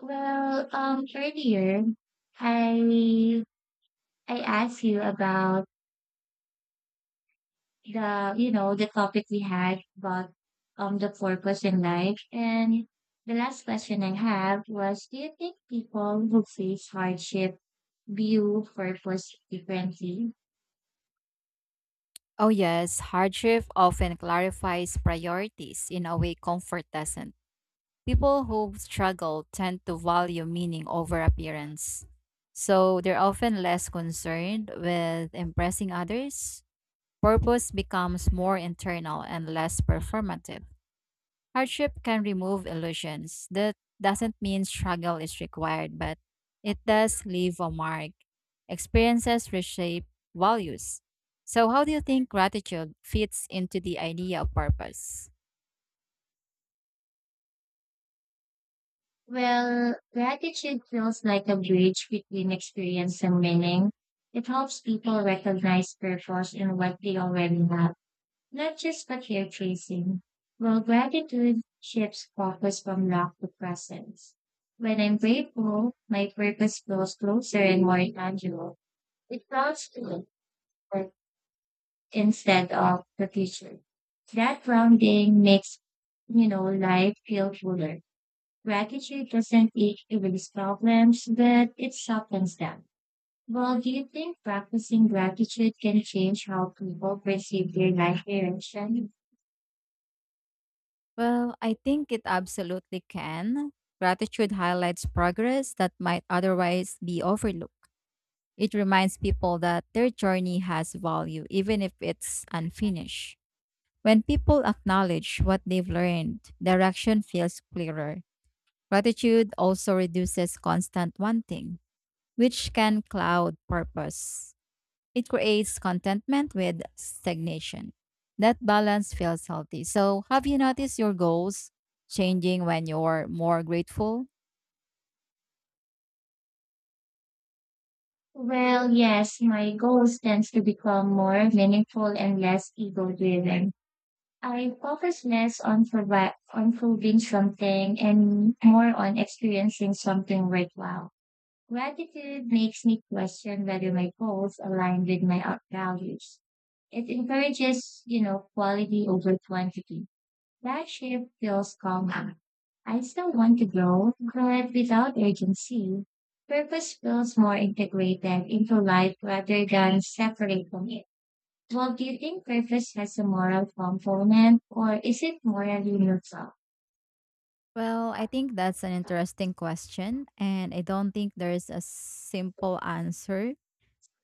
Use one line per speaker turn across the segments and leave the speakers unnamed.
Earlier I I asked you about the the topic we had about the purpose in life, and the last question I have was, do you think people who face hardship view purpose differently?
Oh, yes, hardship often clarifies priorities in a way comfort doesn't. People who struggle tend to value meaning over appearance. So they're often less concerned with impressing others. Purpose becomes more internal and less performative. Hardship can remove illusions. That doesn't mean struggle is required, but it does leave a mark. Experiences reshape values. So, how do you think gratitude fits into the idea of purpose?
Well, gratitude feels like a bridge between experience and meaning. It helps people recognize purpose in what they already have. Not just what you're chasing. Well, gratitude shifts focus from lack to presence. When I'm grateful, my purpose feels closer and more tangible. It counts to it instead of the future. That grounding makes, life feel fuller. Gratitude doesn't eat erase problems, but it softens them. Well, do you think practicing gratitude can change how people perceive their life direction?
Well, I think it absolutely can. Gratitude highlights progress that might otherwise be overlooked. It reminds people that their journey has value, even if it's unfinished. When people acknowledge what they've learned, direction feels clearer. Gratitude also reduces constant wanting, which can cloud purpose. It creates contentment with stagnation. That balance feels healthy. So, have you noticed your goals changing when you're more grateful?
Well, yes, my goals tends to become more meaningful and less ego driven. I focus less on proving something and more on experiencing something worthwhile. Gratitude makes me question whether my goals align with my out- values. It encourages, quality over quantity. That shift feels calming. I still want to grow, but without urgency. Purpose feels more integrated into life rather than separate from it. Well, do you think purpose has a moral component or is it morally neutral?
Well, I think that's an interesting question, and I don't think there's a simple answer.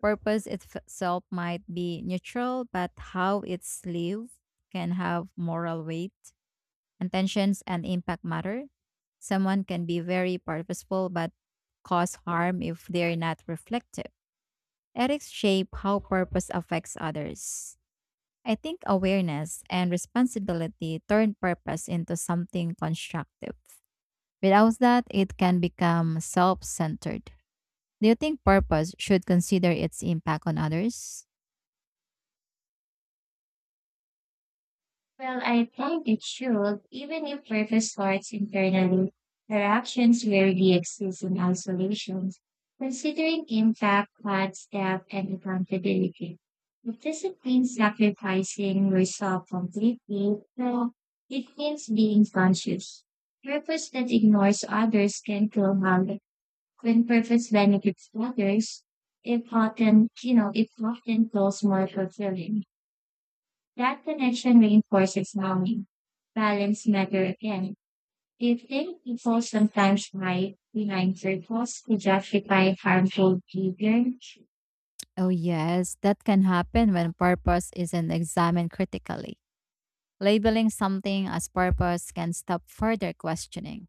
Purpose itself might be neutral, but how it's lived can have moral weight. Intentions and impact matter. Someone can be very purposeful but cause harm if they're not reflective. Ethics shape how purpose affects others. I think awareness and responsibility turn purpose into something constructive. Without that, it can become self centered. Do you think purpose should consider its impact on others?
Well, I think it should, even if purpose starts internally. Our actions rarely exist in isolation, considering impact, thoughts, depth, and accountability. It doesn't mean sacrificing yourself completely, no, it means being conscious. Purpose that ignores others can feel harm. When purpose benefits others, it often feels more fulfilling. That connection reinforces longing. Balance matter again. Do you think people sometimes hide behind circles to justify harmful behavior?
Oh, yes, that can happen when purpose isn't examined critically. Labeling something as purpose can stop further questioning.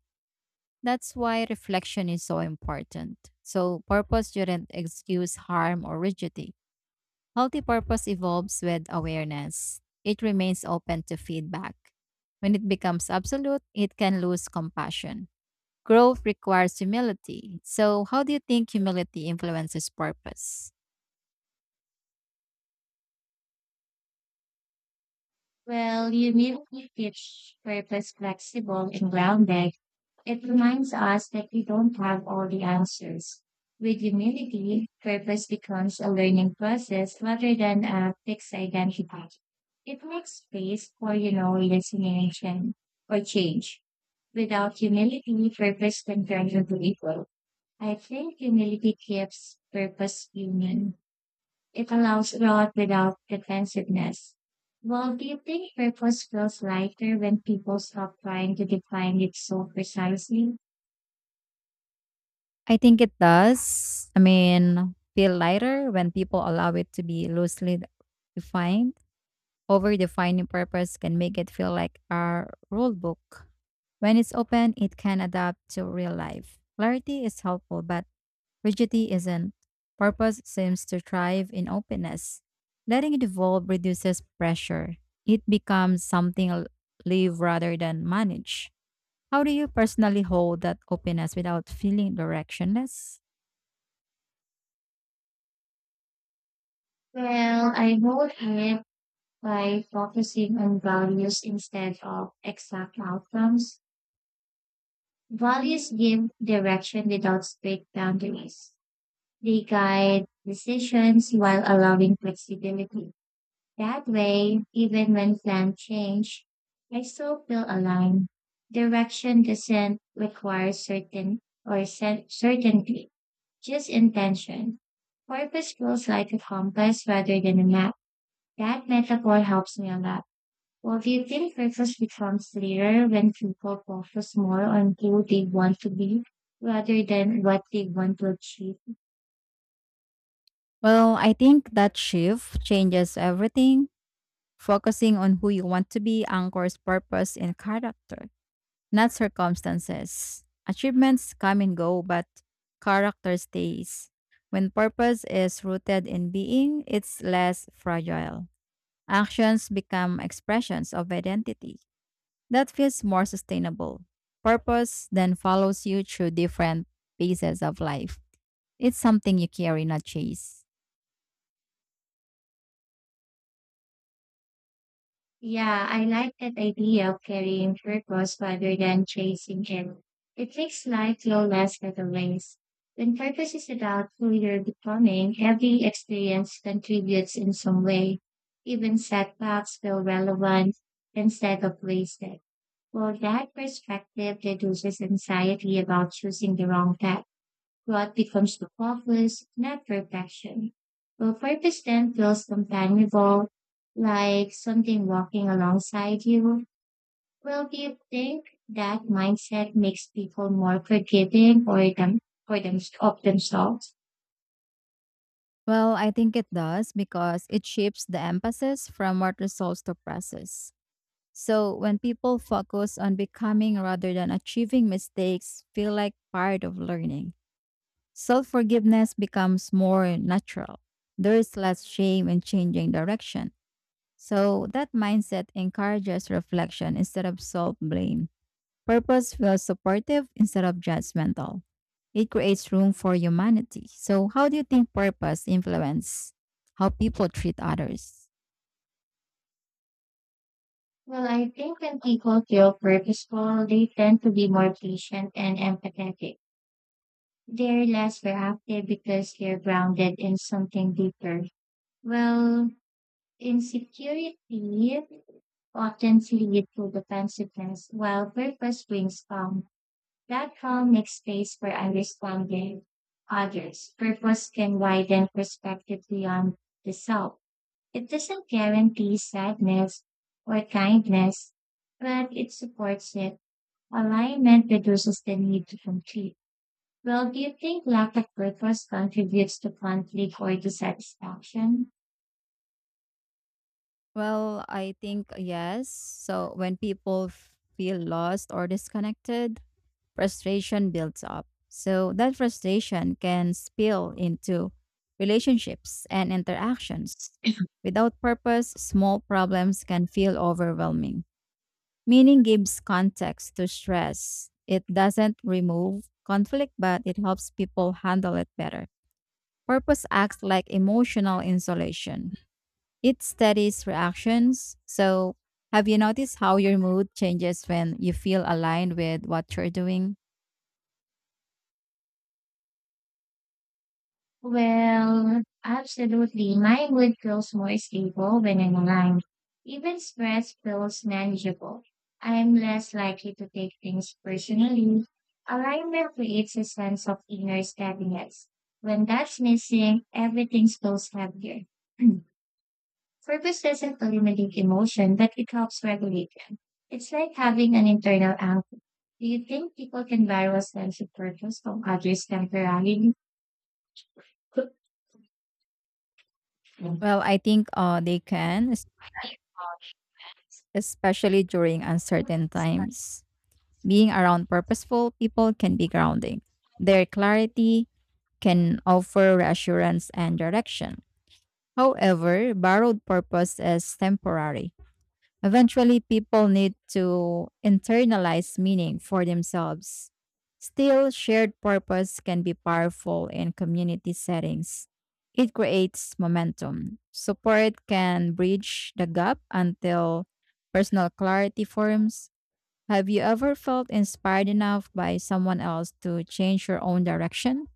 That's why reflection is so important. So, purpose shouldn't excuse harm or rigidity. Healthy purpose evolves with awareness, it remains open to feedback. When it becomes absolute, it can lose compassion. Growth requires humility. So, how do you think humility influences purpose?
Well, you immediately teach purpose flexible and grounded. It reminds us that we don't have all the answers. With humility, purpose becomes a learning process rather than a fixed identity. It makes space for, listening and for change. Without humility, purpose can turn into evil. I think humility keeps purpose human. It allows growth without defensiveness. Well, do you think purpose feels lighter when people stop trying to define it so precisely?
I think it does. I mean, feel lighter when people allow it to be loosely defined. Over defining purpose can make it feel like a rule book. When it's open, it can adapt to real life. Clarity is helpful, but rigidity isn't. Purpose seems to thrive in openness. Letting it evolve reduces pressure. It becomes something live rather than manage. How do you personally hold that openness without feeling directionless?
Well, I hold it by focusing on values instead of exact outcomes. Values give direction without strict boundaries. They guide decisions while allowing flexibility. That way, even when plans change, I still feel aligned. Direction doesn't require certainty, just intention. Purpose feels like a compass rather than a map. That metaphor helps me a lot. Well, do you think purpose becomes clearer when people focus more on who they want to be rather than what they want to achieve?
Well, I think that shift changes everything. Focusing on who you want to be anchors purpose and character, not circumstances. Achievements come and go, but character stays. When purpose is rooted in being, it's less fragile. Actions become expressions of identity. That feels more sustainable. Purpose then follows you through different phases of life. It's something you carry, not chase.
Yeah, I like that idea of carrying purpose rather than chasing it. It makes life feel less categorized. When purpose is about who you're becoming, every experience contributes in some way. Even setbacks feel relevant instead of wasted. Well, that perspective reduces anxiety about choosing the wrong path. Growth becomes the focus, not perfection. Well, purpose then feels companionable, like something walking alongside you. Well, do you think that mindset makes people more forgiving or them of themselves?
Well, I think it does because it shifts the emphasis from what results to process. So when people focus on becoming rather than achieving mistakes feel like part of learning. Self-forgiveness becomes more natural. There is less shame in changing direction. So that mindset encourages reflection instead of self-blame. Purpose feels supportive instead of judgmental. It creates room for humanity. So, how do you think purpose influence how people treat others?
Well, I think when people feel purposeful, they tend to be more patient and empathetic. They're less reactive because they're grounded in something deeper. Well, insecurity often lead to defensiveness, while purpose brings calm. That calm makes space for understanding others. Purpose can widen perspective beyond the self. It doesn't guarantee sadness or kindness, but it supports it. Alignment reduces the need to compete. Well, do you think lack of purpose contributes to conflict or dissatisfaction?
Well, I think yes. So when feel lost or disconnected, frustration builds up. So that frustration can spill into relationships and interactions. Without purpose, small problems can feel overwhelming. Meaning gives context to stress. It doesn't remove conflict, but it helps people handle it better. Purpose acts like emotional insulation, it steadies reactions. So, have you noticed how your mood changes when you feel aligned with what you're doing?
Well, absolutely. My mood feels more stable when I'm aligned. Even stress feels manageable. I'm less likely to take things personally. Alignment creates a sense of inner steadiness. When that's missing, everything feels heavier. Purpose doesn't eliminate emotion, but it helps regulate them. It's like having an internal anchor. Do you think people can borrow a sense of purpose from others temporarily?
Well, I think they can, especially during uncertain times. Being around purposeful people can be grounding. Their clarity can offer reassurance and direction. However, borrowed purpose is temporary. Eventually, people need to internalize meaning for themselves. Still, shared purpose can be powerful in community settings. It creates momentum. Support can bridge the gap until personal clarity forms. Have you ever felt inspired enough by someone else to change your own direction?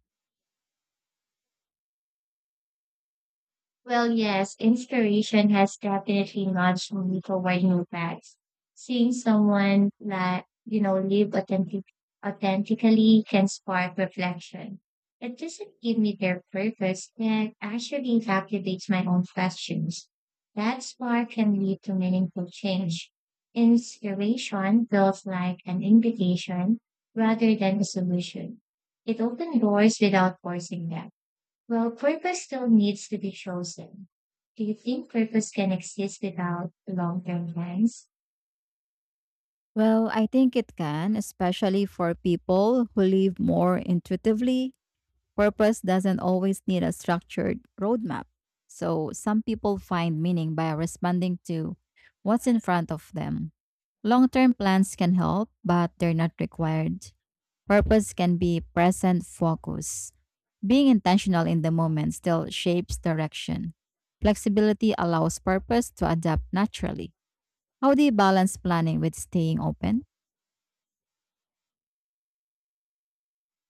Well, yes, inspiration has definitely nudged me toward new paths. Seeing someone that, authentically can spark reflection. It doesn't give me their purpose, it actually captivates my own questions. That spark can lead to meaningful change. Inspiration feels like an invitation rather than a solution. It opens doors without forcing them. Well, purpose still needs to be chosen. Do you think purpose can exist without long term plans?
Well, I think it can, especially for people who live more intuitively. Purpose doesn't always need a structured roadmap. So, some people find meaning by responding to what's in front of them. Long term plans can help, but they're not required. Purpose can be present focus. Being intentional in the moment still shapes direction. Flexibility allows purpose to adapt naturally. How do you balance planning with staying open?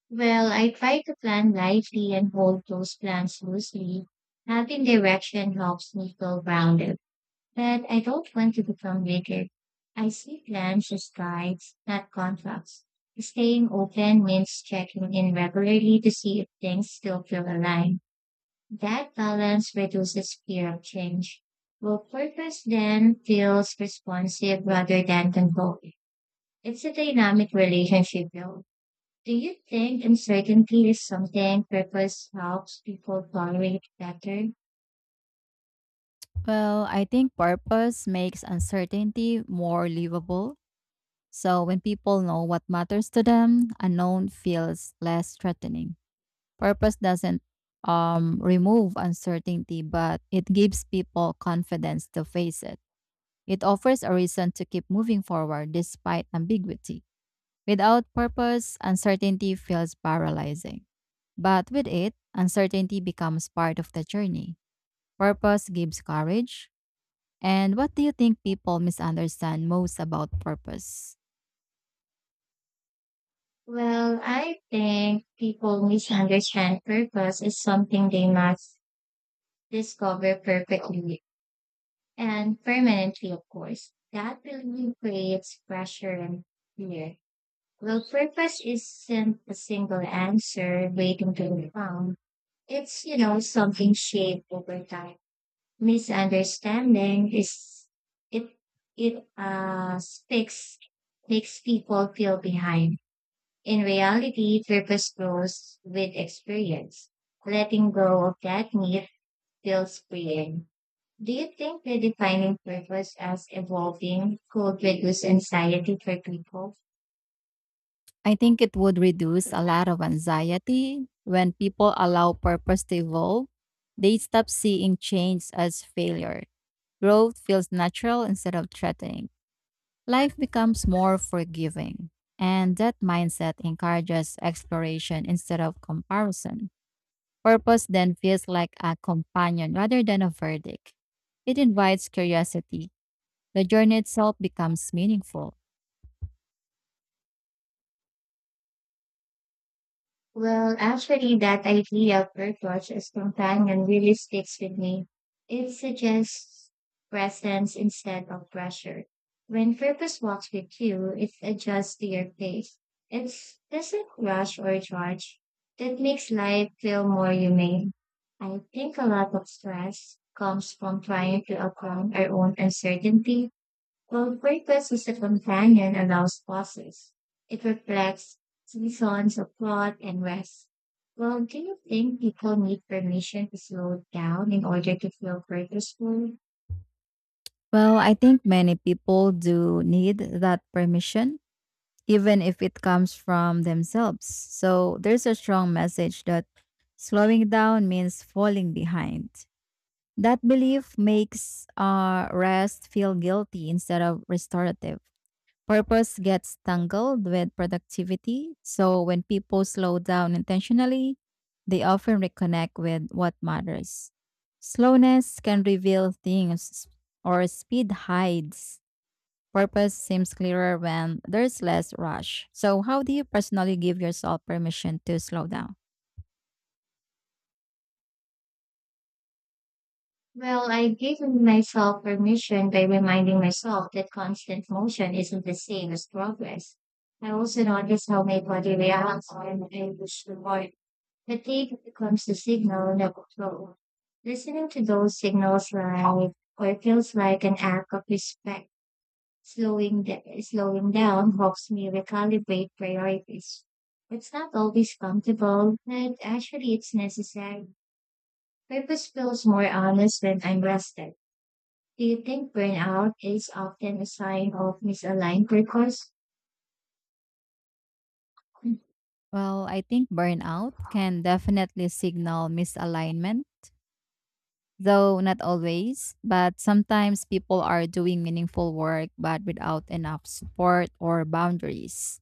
Well, I try to plan lightly and hold those plans loosely. Having direction helps me feel grounded, but I don't want to become rigid. I see plans as guides, not contracts. Staying open means checking in regularly to see if things still feel aligned. That balance reduces fear of change. Well, purpose then feels responsive rather than controlling. It's a dynamic relationship though. Do you think uncertainty is something purpose helps people tolerate better?
Well, I think purpose makes uncertainty more livable. So when people know what matters to them, unknown feels less threatening. Purpose doesn't remove uncertainty, but it gives people confidence to face it. It offers a reason to keep moving forward despite ambiguity. Without purpose, uncertainty feels paralyzing. But with it, uncertainty becomes part of the journey. Purpose gives courage, and what do you think people misunderstand most about purpose?
Well, I think people misunderstand purpose is something they must discover perfectly and permanently, of course. That belief creates pressure and fear. Well, purpose isn't a single answer waiting to be found. It's, something shaped over time. Misunderstanding is it it sticks makes people feel behind. In reality, purpose grows with experience. Letting go of that need feels freeing. Do you think redefining purpose as evolving could reduce anxiety for people?
I think it would reduce a lot of anxiety when people allow purpose to evolve. They stop seeing change as failure. Growth feels natural instead of threatening. Life becomes more forgiving. And that mindset encourages exploration instead of comparison. Purpose then feels like a companion rather than a verdict. It invites curiosity. The journey itself becomes meaningful.
Well, actually, that idea of Earthwatch as companion really sticks with me. It suggests presence instead of pressure. When purpose walks with you, it adjusts to your pace. It doesn't rush or charge. That makes life feel more humane. I think a lot of stress comes from trying to overcome our own uncertainty while greatness is a companion allows pauses, it reflects seasons of plot and rest. Well, do you think people need permission to slow down in order to feel purposeful?
Well, I think many people do need that permission, even if it comes from themselves. So there's a strong message that slowing down means falling behind. That belief makes rest feel guilty instead of restorative. Purpose gets tangled with productivity, so when people slow down intentionally, they often reconnect with what matters. Slowness can reveal things, or speed hides. Purpose seems clearer when there's less rush. So, how do you personally give yourself permission to slow down?
Well, I've myself permission by reminding myself that constant motion isn't the same as progress. I also notice how my body reacts when I push the Fatigue becomes the signal that so listening to those signals live or feels like an act of respect. Slowing down helps me recalibrate priorities. It's not always comfortable, but actually it's necessary. Purpose feels more honest when I'm rested. Do you think burnout is often a sign of misaligned purpose?
Well, I think burnout can definitely signal misalignment, though not always. But sometimes people are doing meaningful work but without enough support or boundaries.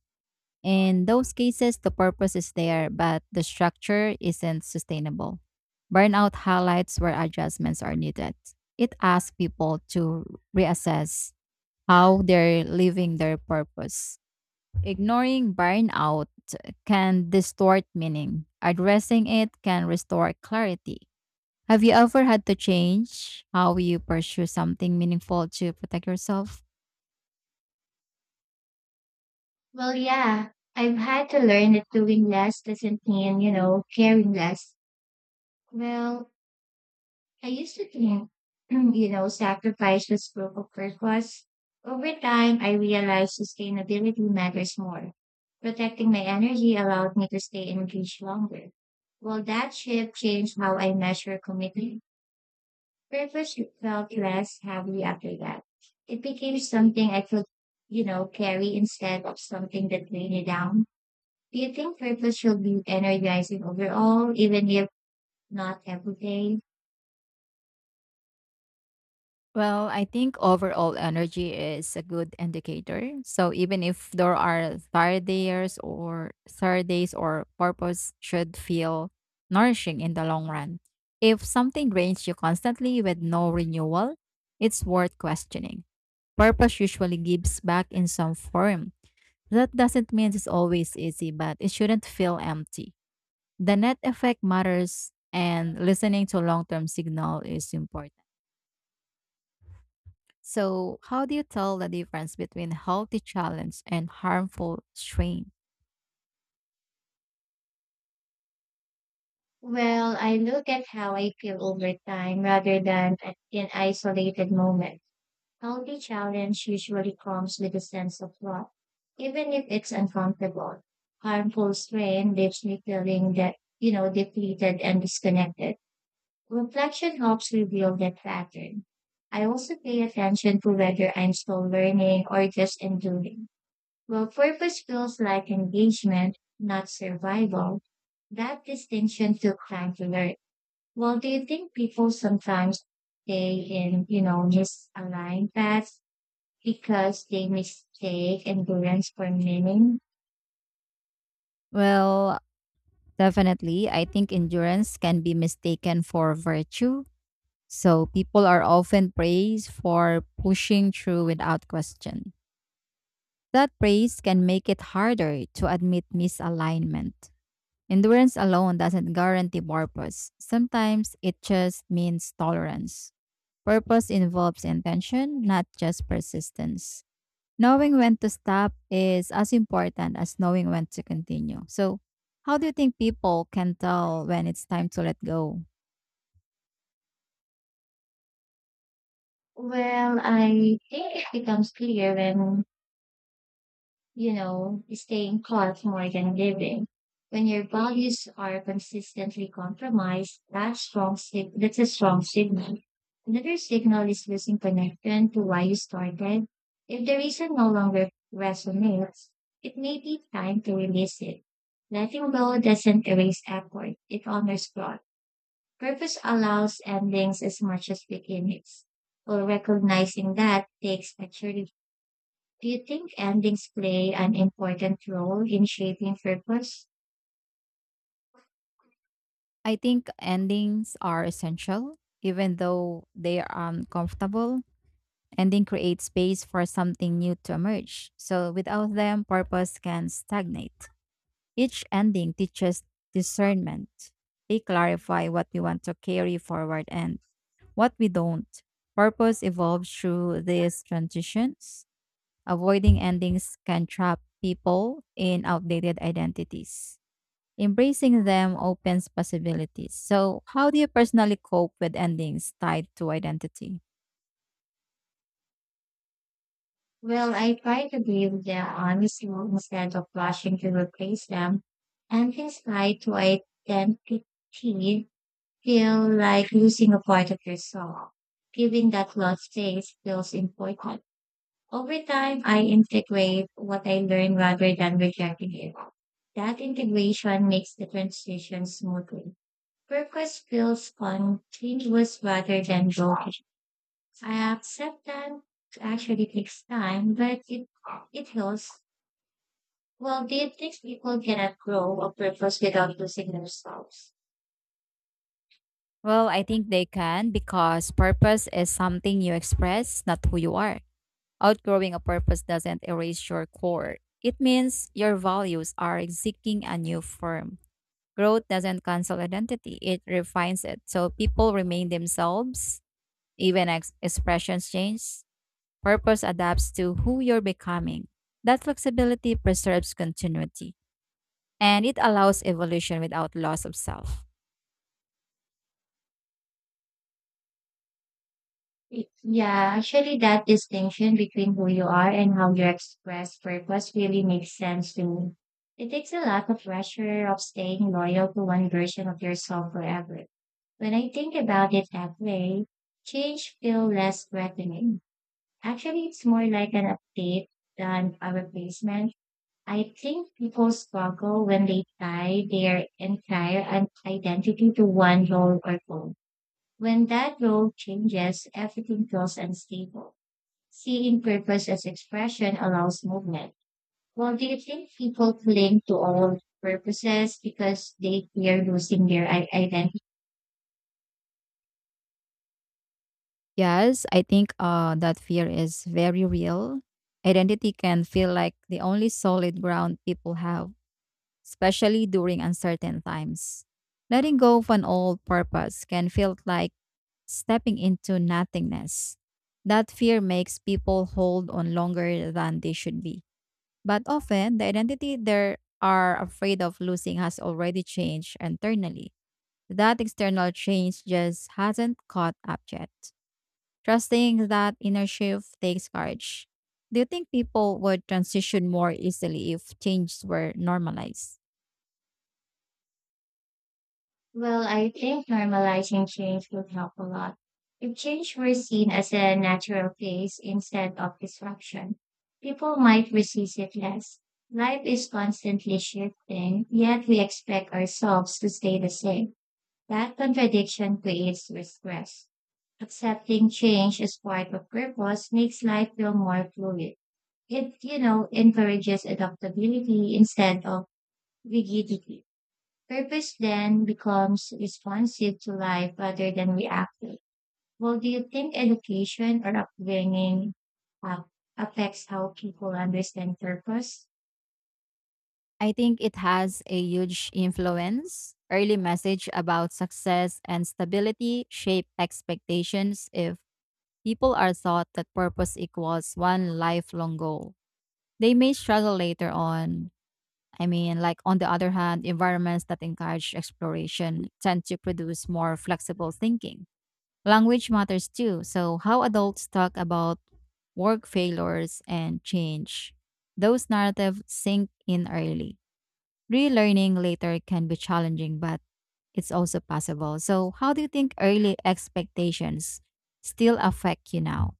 In those cases, the purpose is there, but the structure isn't sustainable. Burnout highlights where adjustments are needed. It asks people to reassess how they're living their purpose. Ignoring burnout can distort meaning. Addressing it can restore clarity. Have you ever had to change how you pursue something meaningful to protect yourself?
Well, yeah, I've had to learn that doing less doesn't mean, caring less. Well, I used to think, sacrifice was proof of purpose. Over time, I realized sustainability matters more. Protecting my energy allowed me to stay engaged longer. Well, that shift changed how I measure commitment. Purpose felt less heavy after that. It became something I could, carry instead of something that drained me down. Do you think purpose should be energizing overall, even if not every day?
Well, I think overall energy is a good indicator. So even if there are third days or purpose should feel nourishing in the long run. If something drains you constantly with no renewal, it's worth questioning. Purpose usually gives back in some form. That doesn't mean it's always easy, but it shouldn't feel empty. The net effect matters, and listening to long term signal is important. So, how do you tell the difference between healthy challenge and harmful strain?
Well, I look at how I feel over time rather than in isolated moments. Healthy challenge usually comes with a sense of love, even if it's uncomfortable. Harmful strain leaves me feeling that, depleted and disconnected. Reflection helps reveal that pattern. I also pay attention to whether I'm still learning or just enduring. Well, purpose feels like engagement, not survival. That distinction took time to learn. Well, do you think people sometimes stay in, misaligned paths because they mistake endurance for meaning?
Well, definitely, I think endurance can be mistaken for virtue. So people are often praised for pushing through without question. That praise can make it harder to admit misalignment. Endurance alone doesn't guarantee purpose. Sometimes it just means tolerance. Purpose involves intention, not just persistence. Knowing when to stop is as important as knowing when to continue. So, how do you think people can tell when it's time to let go?
Well, I think it becomes clear when staying caught more than living. When your values are consistently compromised, that's a strong signal. Another signal is losing connection to why you started. If the reason no longer resonates, it may be time to release it. Letting go doesn't erase effort, it honors growth. Purpose allows endings as much as beginnings. So recognizing that takes maturity. Do you think endings play an important role in shaping purpose?
I think endings are essential, even though they are uncomfortable and then create space for something new to emerge. So without them, purpose can stagnate. Each ending teaches discernment. They clarify what we want to carry forward and what we don't. Purpose evolves through these transitions. Avoiding endings can trap people in outdated identities. Embracing them opens possibilities. So, how do you personally cope with endings tied to identity?
Well, I try to give the honest role instead of rushing to replace them. Endings tied to identity feel like losing a part of yourself. Giving that lost space feels important. Over time, I integrate what I learn rather than rejecting it. That integration makes the transition smoother. Purpose feels continuous rather than broken. I accept that actually takes time, but it heals. Well, do you think people cannot grow a purpose without losing themselves?
Well, I think they can because purpose is something you express, not who you are. Outgrowing a purpose doesn't erase your core. It means your values are seeking a new form. Growth doesn't cancel identity, it refines it. So people remain themselves, even expressions change. Purpose adapts to who you're becoming. That flexibility preserves continuity and it allows evolution without loss of self.
Yeah, actually, that distinction between who you are and how you express purpose really makes sense to me. It takes a lot of pressure of staying loyal to one version of yourself forever. When I think about it that way, change feels less threatening. Actually, it's more like an update than a replacement. I think people struggle when they tie their identity to one role or goal. When that role changes, everything feels unstable. Seeing purpose as expression allows movement. Well, do you think people cling to all purposes because they fear losing their identity?
Yes, I think that fear is very real. Identity can feel like the only solid ground people have, especially during uncertain times. Letting go of an old purpose can feel like stepping into nothingness. That fear makes people hold on longer than they should be. But often, the identity they are afraid of losing has already changed internally. That external change just hasn't caught up yet. Trusting that inner shift takes courage. Do you think people would transition more easily if changes were normalized?
Well, I think normalizing change would help a lot. If change were seen as a natural phase instead of disruption, people might resist it less. Life is constantly shifting, yet we expect ourselves to stay the same. That contradiction creates stress. Accepting change as part of purpose makes life feel more fluid. It, encourages adaptability instead of rigidity. Purpose then becomes responsive to life rather than reactive. Well, do you think education or upbringing uh, affects how people understand purpose?
I think it has a huge influence. Early message about success and stability shape expectations if people are taught that purpose equals one lifelong goal. They may struggle later on. I mean, like on the other hand, environments that encourage exploration tend to produce more flexible thinking. Language matters too. So, how adults talk about work failures and change, those narratives sink in early. Relearning later can be challenging, but it's also possible. So, how do you think early expectations still affect you now?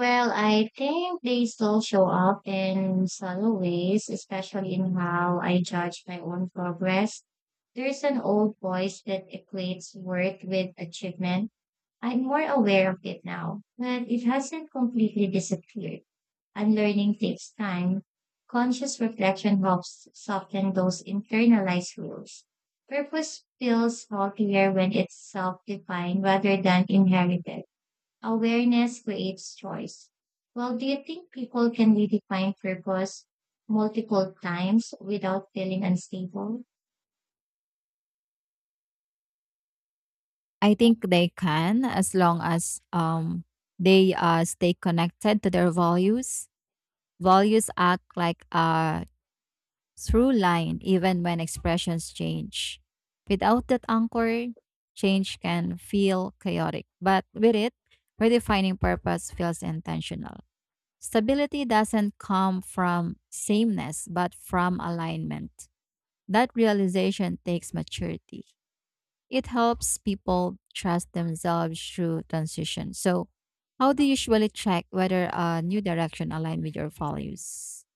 Well, I think they still show up in subtle ways, especially in how I judge my own progress. There's an old voice that equates worth with achievement. I'm more aware of it now, but it hasn't completely disappeared. And learning takes time, conscious reflection helps soften those internalized rules. Purpose feels healthier when it's self defined rather than inherited. Awareness creates choice. Well, do you think people can redefine purpose multiple times without feeling unstable?
I think they can, as long as they stay connected to their values. Values act like through line even when expressions change. Without that anchor, change can feel chaotic, but with it, redefining purpose feels intentional. Stability doesn't come from sameness, but from alignment. That realization takes maturity. It helps people trust themselves through transition. So, how do you usually check whether a new direction aligns with your values?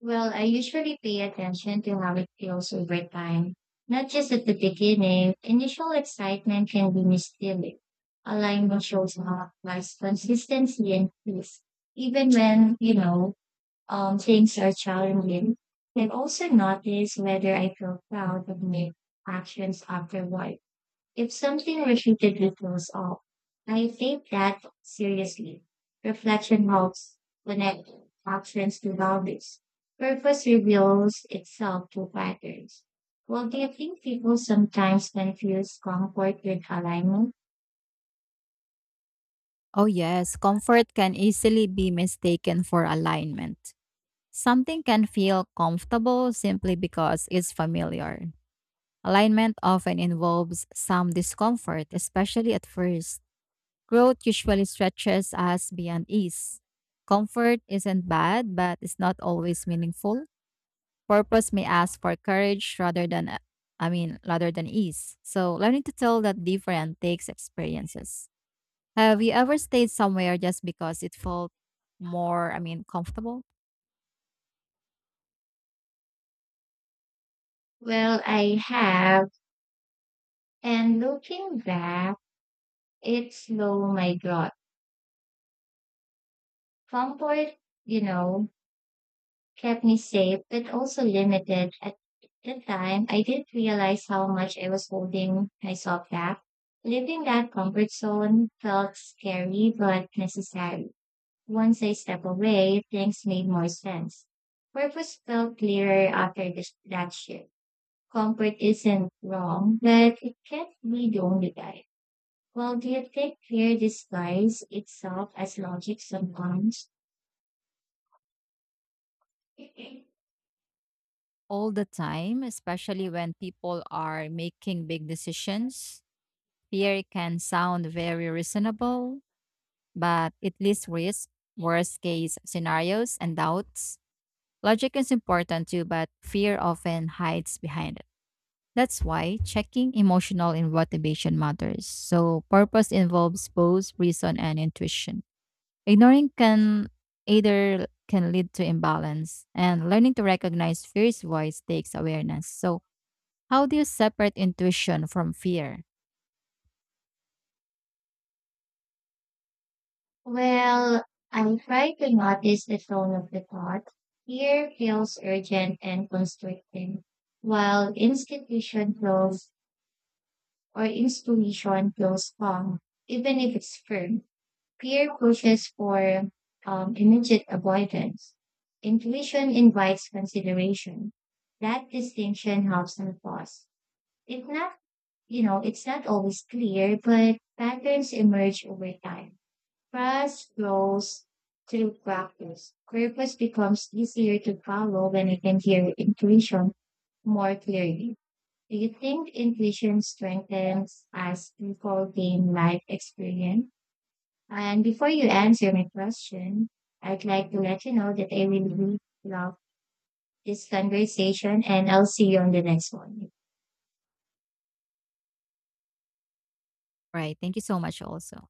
Well, I usually pay attention to how it feels over time, not just at the beginning. Initial excitement can be misleading. Alignment shows how life's consistency and peace, even when, things are challenging. I've also noticed whether I feel proud of my actions afterward. If something repeated with throws off, I take that seriously. Reflection helps connect actions to boundaries. Purpose reveals itself through patterns. Well, do you think people sometimes confuse comfort with alignment?
Oh, yes, comfort can easily be mistaken for alignment. Something can feel comfortable simply because it's familiar. Alignment often involves some discomfort, especially at first. Growth usually stretches us beyond ease. Comfort isn't bad, but it's not always meaningful. Purpose may ask for courage rather than, I mean, rather than ease. So learning to tell that different takes experiences. Have you ever stayed somewhere just because it felt more, I mean, comfortable
Well, I have. And looking back, it slowed my growth. Comfort, you know, kept me safe but also limited. At the time, I didn't realize how much I was holding myself back. Leaving that comfort zone felt scary but necessary. Once I stepped away, things made more sense. Purpose felt clearer after this, that shift. Comfort isn't wrong, but it can't be the only guide. Well, do you think fear disguises itself as logic sometimes?
all the time, especially when people are making big decisions? Fear can sound very reasonable, but it leads risk, worst case scenarios, and doubts. Logic is important too, but fear often hides behind it. That's why checking emotional and motivation matters. So, purpose involves both reason and intuition. Ignoring can either can lead to imbalance, and learning to recognize fear's voice takes awareness. So, how do you separate intuition from fear?
Well, I try to notice the tone of the thought. Fear feels urgent and constricting, while institution feels or inspiration feels calm, even if it's firm. Fear pushes for immediate avoidance. Intuition invites consideration. That distinction helps me pause. It's not, it's not always clear, but patterns emerge over time. Price flows through practice. Purpose becomes easier to follow when you can hear intuition more clearly. Do you think intuition strengthens as people gain life experience? And before you answer my question, I'd like to let you know that I really love this conversation and I'll see you on the next one.
Right. Thank you so much, also.